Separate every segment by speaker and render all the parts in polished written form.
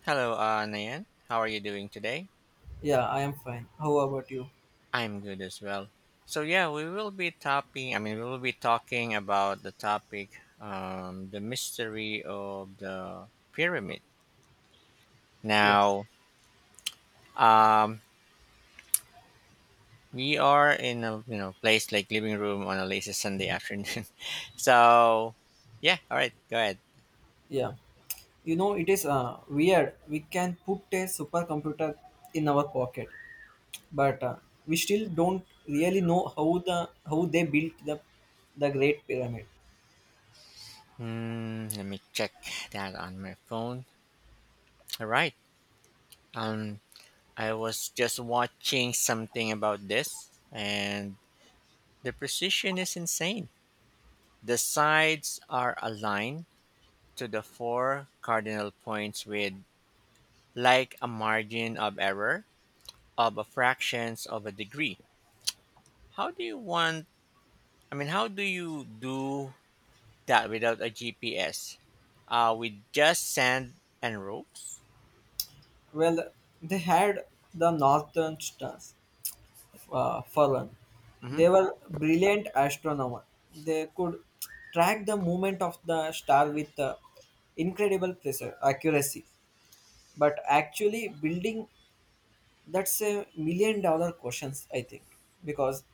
Speaker 1: Hello, Nayan. How are you doing today?
Speaker 2: Yeah, I am fine. How about you?
Speaker 1: I'm good as well. So yeah, we will be topping. I mean, we will be talking about the topic, the mystery of the pyramid.
Speaker 2: Yes.
Speaker 1: Now, um, we are in a place like living room on a lazy Sunday afternoon. so, yeah. All right, go ahead.
Speaker 2: Yeah. It is weird. We can put a supercomputer in our pocket, but we still don't really know how the how they built the Great Pyramid.
Speaker 1: Hmm, let me check that on my phone. All right. Um, I was just watching something about this and the precision is insane. The sides are aligned to the four cardinal points with like a margin of error of a fractions of a degree. How do you want I mean how do you do that without a GPS? Uh, with just sand and ropes?
Speaker 2: Well, they had the Northern Stars for one.
Speaker 1: Mhm.
Speaker 2: They were brilliant astronomers. They could track the movement of the star with incredible precision accuracy. But actually, building, that's $1 million questions, I think, because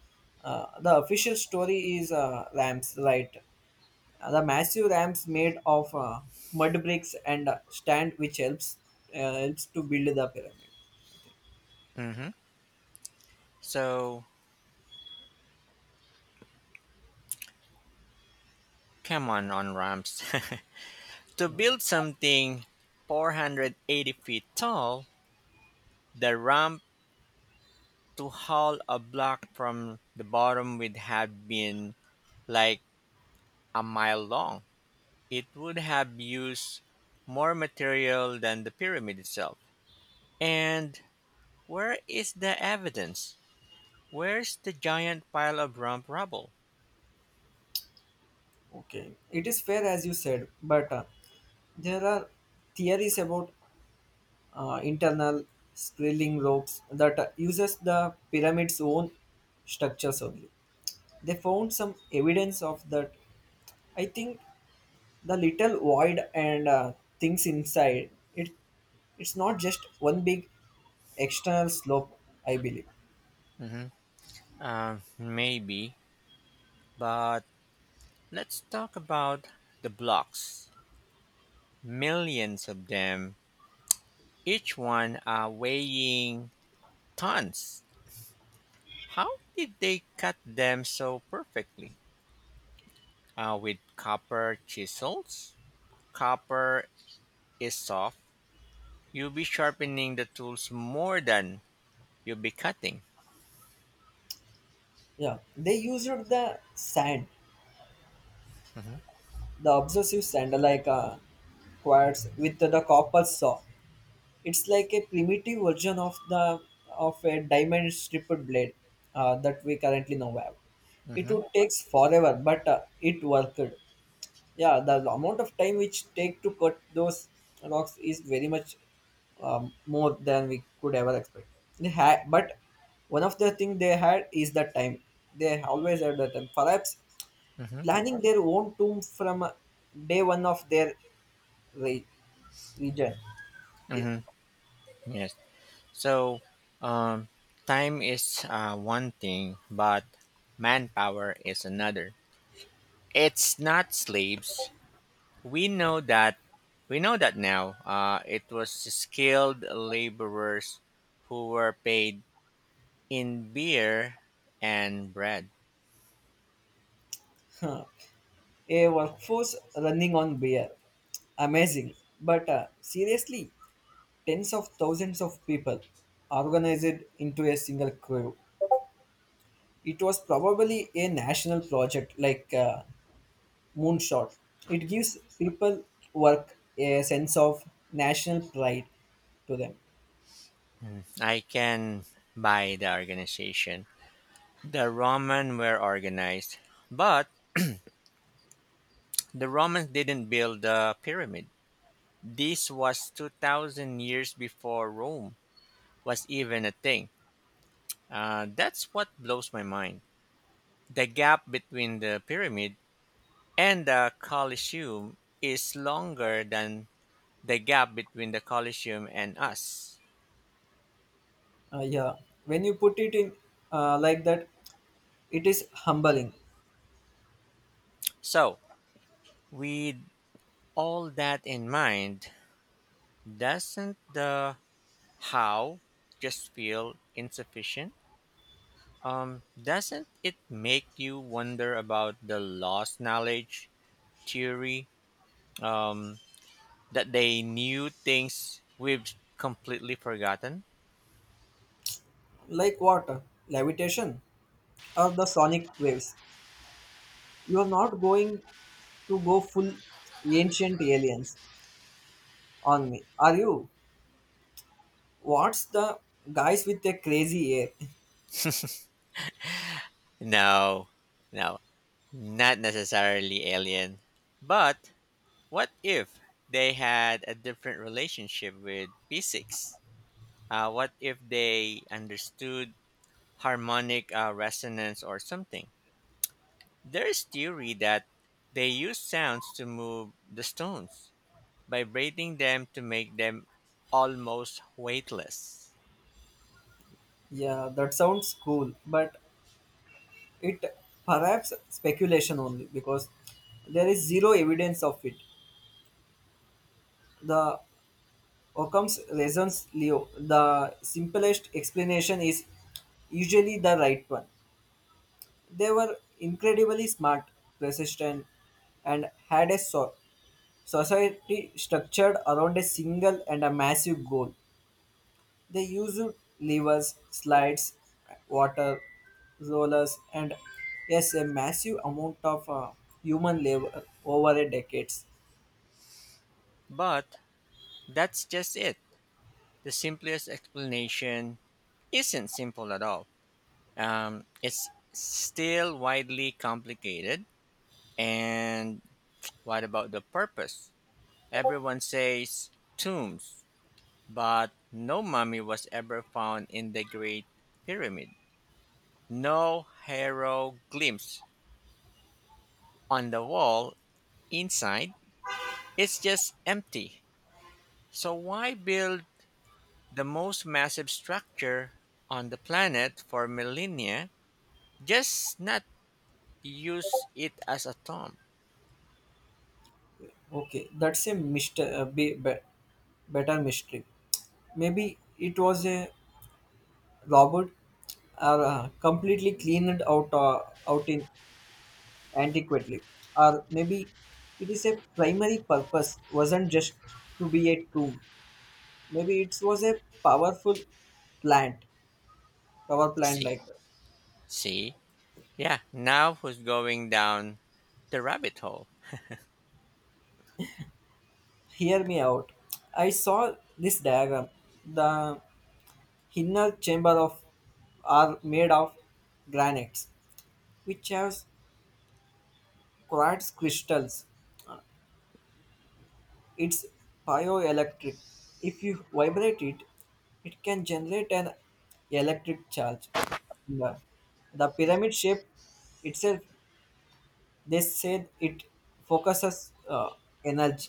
Speaker 2: the official story is ramps light. The massive ramps made of mud bricks and stand, which helps helps to build the pyramid.
Speaker 1: Mhm. So come on ramps. to build something 480 feet tall, the ramp to haul a block from the bottom would have been like a mile long. It would have used more material than the pyramid itself. And where is the evidence? Where's the giant pile of rump rubble?
Speaker 2: Okay, it is fair as you said, but there are theories about internal spiraling ropes that uses the pyramid's own structures only. They found some evidence of that, I think, the little void and things inside it. It's not just one big external slope, I believe.
Speaker 1: Hmm. Maybe, but let's talk about the blocks. Millions of them, each one weighing tons. How did they cut them so perfectly? With copper chisels. Copper is soft. You'll be sharpening the tools more than you'll be cutting.
Speaker 2: Yeah, they used the sand,
Speaker 1: Mm-hmm,
Speaker 2: the obsessive sand, like quartz with the copper saw. It's like a primitive version of the of a diamond stripped blade that we currently now have. It
Speaker 1: mm-hmm,
Speaker 2: would takes forever, but it worked. Yeah, the amount of time which take to cut those rocks is very much more than we could ever expect they had. But one of the thing they had is the time. They always had the time, perhaps
Speaker 1: mm-hmm,
Speaker 2: planning their own tomb from day one of their re- region.
Speaker 1: mm-hmm. Yes. So, um, time is one thing, but manpower is another. It's not slaves. We know that. We know that now. It was skilled laborers who were paid in beer and bread.
Speaker 2: Yeah. A workforce running on beer, amazing. But seriously, tens of thousands of people organized into a single crew. It was probably a national project, like Moonshot. It gives people work, a sense of national pride to them.
Speaker 1: Mm, I can buy the organization. The Roman were organized, but the Romans didn't build the pyramid. This was 2000 years before Rome was even a thing. That's what blows my mind. The gap between the pyramid and the Colosseum is longer than the gap between the Colosseum and us.
Speaker 2: Yeah, when you put it in like that, it is humbling.
Speaker 1: So, with all that in mind, doesn't the how just feel insufficient? Doesn't it make you wonder about the lost knowledge theory? Um, that they knew things we've completely forgotten?
Speaker 2: Like water, levitation, or the sonic waves. You are not going to go full ancient aliens on me, are you? What's the guys with the crazy hair?
Speaker 1: No, no, not necessarily alien. But what if they had a different relationship with physics? What if they understood harmonic resonance or something? There is theory that they use sounds to move the stones, vibrating them to make them almost weightless.
Speaker 2: Yeah, that sounds cool, but it perhaps speculation only, because there is zero evidence of it. The Occam's reasons leo, the simplest explanation is usually the right one. They were incredibly smart, persistent, and had a society structured around a single and a massive goal. They used levers, slides, water, rollers, and yes, a massive amount of human labor over a decades.
Speaker 1: But that's just it. The simplest explanation isn't simple at all. It's still widely complicated. And what about the purpose? Everyone says tombs, but no mummy was ever found in the Great Pyramid. No hieroglyphs on the wall inside, it's just empty. So why build the most massive structure on the planet for millennia just not use it as a tomb?
Speaker 2: Okay, that's a mister, better mystery. Maybe it was a robot or completely cleaned out out in antiquity, or maybe it is a primary purpose wasn't just to be a tomb. Maybe it was a powerful plant power plant,
Speaker 1: See,
Speaker 2: like,
Speaker 1: see, yeah. Now who's going down the rabbit hole?
Speaker 2: hear me out. I saw this diagram. The inner chamber of are made of granites, which has quartz crystals. It's bioelectric. If you vibrate it, it can generate an electric charge. The, the pyramid shape itself, they said it focuses uh, energy.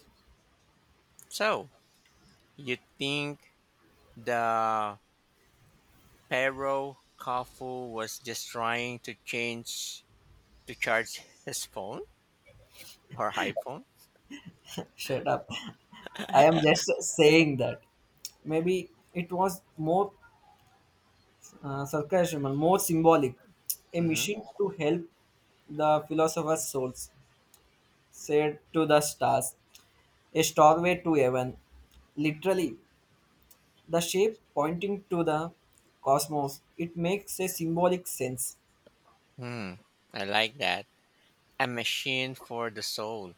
Speaker 1: So you think the Pharaoh Khufu was just trying to change to charge his phone or iPhone?
Speaker 2: Shut up. I am just saying that maybe it was more sarcasm and more symbolic, a
Speaker 1: Mm-hmm.
Speaker 2: mission to help the philosopher's souls, said to the stars, a stairway to heaven. Literally, the shape pointing to the cosmos, it makes a symbolic sense.
Speaker 1: Hmm. I like that. A machine for the soul.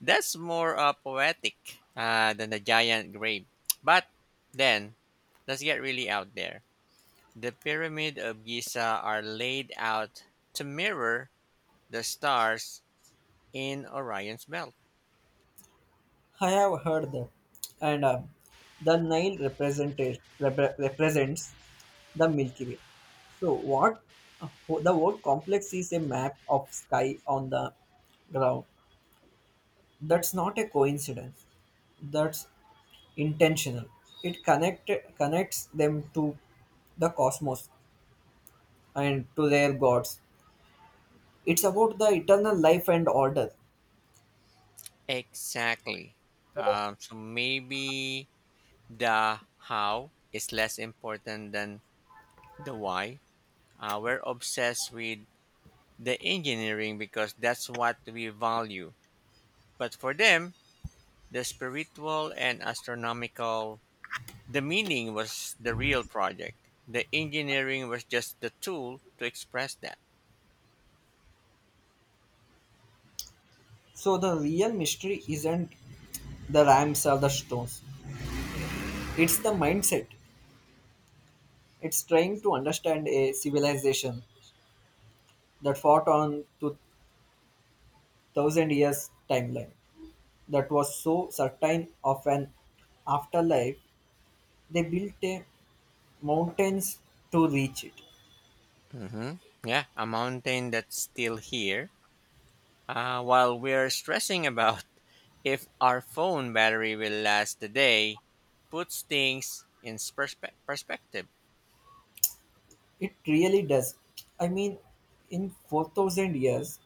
Speaker 1: That's more poetic than the giant grave. But then, let's get really out there. The pyramid of Giza are laid out to mirror the stars in Orion's belt.
Speaker 2: I have heard that, and the Nile represented represents the Milky Way. So what? The whole complex is a map of sky on the ground. That's not a coincidence. That's intentional. It connected connects them to the cosmos and to their gods. It's about the eternal life and order.
Speaker 1: Exactly. So maybe the how is less important than the why. We're obsessed with the engineering because that's what we value. But for them, the spiritual and astronomical, the meaning was the real project. The engineering was just the tool to express that.
Speaker 2: So the real mystery isn't the rams or the stones. It's the mindset. It's trying to understand a civilization that fought on to thousand years timeline, that was so certain of an afterlife they built a mountains to reach it.
Speaker 1: Hmm. Yeah, a mountain that's still here. While we're stressing about if our phone battery will last the day, puts things in perspective.
Speaker 2: It really does. I mean, in 4,000 years,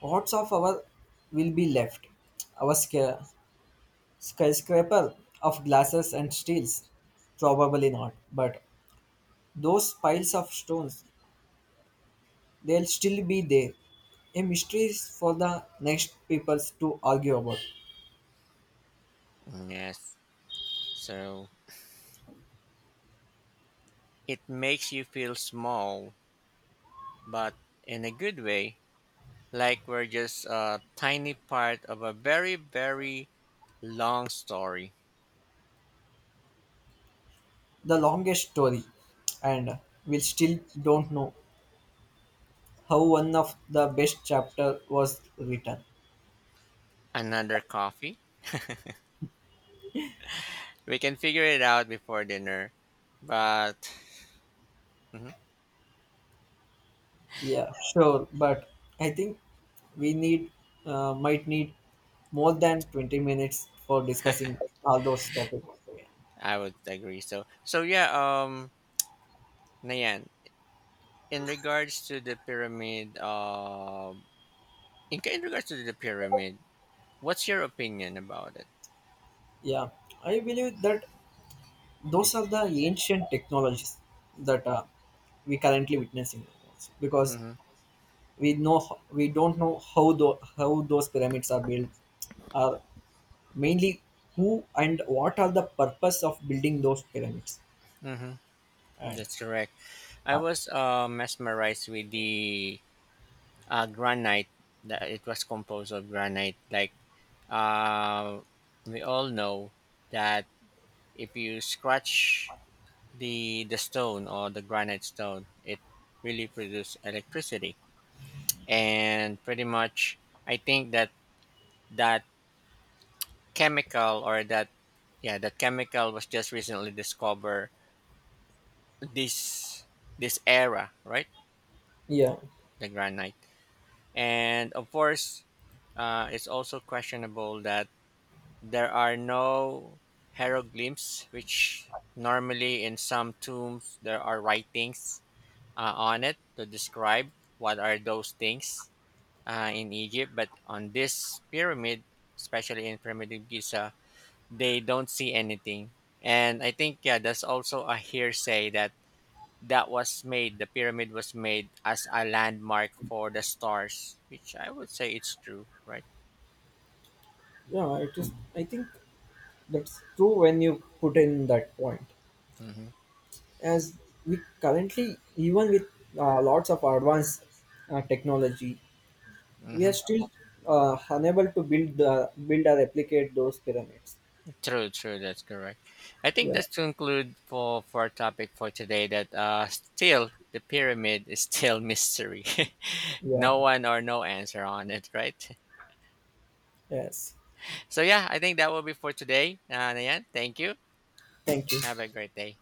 Speaker 2: what's of our will be left? Our skyscraper of glasses and steels, probably not. But those piles of stones, they'll still be there. A mystery is for the next peoples to argue about.
Speaker 1: Yes. So it makes you feel small, but in a good way, like we're just a tiny part of a very, very long story.
Speaker 2: The longest story, and we still don't know how one of the best chapter was written.
Speaker 1: Another coffee? We can figure it out before dinner. But mhm.
Speaker 2: Yeah, sure, but I think we need might need more than 20 minutes for discussing all those topics.
Speaker 1: I would agree. So yeah, Nayan, in regards to the pyramid uh in regards to the pyramid, what's your opinion about it?
Speaker 2: Yeah, I believe that those are the ancient technologies that we currently witnessing, because
Speaker 1: Mm-hmm.
Speaker 2: we know we don't know how how those pyramids are built, uh, mainly who and what are the purpose of building those pyramids.
Speaker 1: Mm-hmm.
Speaker 2: And
Speaker 1: That's correct. I
Speaker 2: uh,
Speaker 1: was mesmerized with the granite, that it was composed of granite. Like uh, we all know that if you scratch the stone or the granite stone, it really produces electricity. And pretty much I think that that chemical or that yeah, that chemical was just recently discovered this, this era, right?
Speaker 2: yeah.
Speaker 1: The granite. And of course it's also questionable that there are no hieroglyphs, which normally in some tombs there are writings on it to describe what are those things in Egypt. But on this pyramid, especially in primitive Giza, they don't see anything. And I think yeah, that's also a hearsay that that was made. The pyramid was made as a landmark for the stars, which I would say it's true, right?
Speaker 2: Yeah, it is, I think that's true when you put in that point,
Speaker 1: Mm-hmm.
Speaker 2: as we currently even with lots of advanced technology, we
Speaker 1: Mm-hmm.
Speaker 2: are still unable to build the build or replicate those pyramids.
Speaker 1: True, true. That's correct. I think
Speaker 2: Yeah.
Speaker 1: that's to include for our topic for today that still the pyramid is still mystery.
Speaker 2: Yeah.
Speaker 1: No one or no answer on it, right?
Speaker 2: Yes.
Speaker 1: So yeah, I think that will be for today. Nayan, thank you.
Speaker 2: Thank
Speaker 1: Have a
Speaker 2: you.
Speaker 1: great day.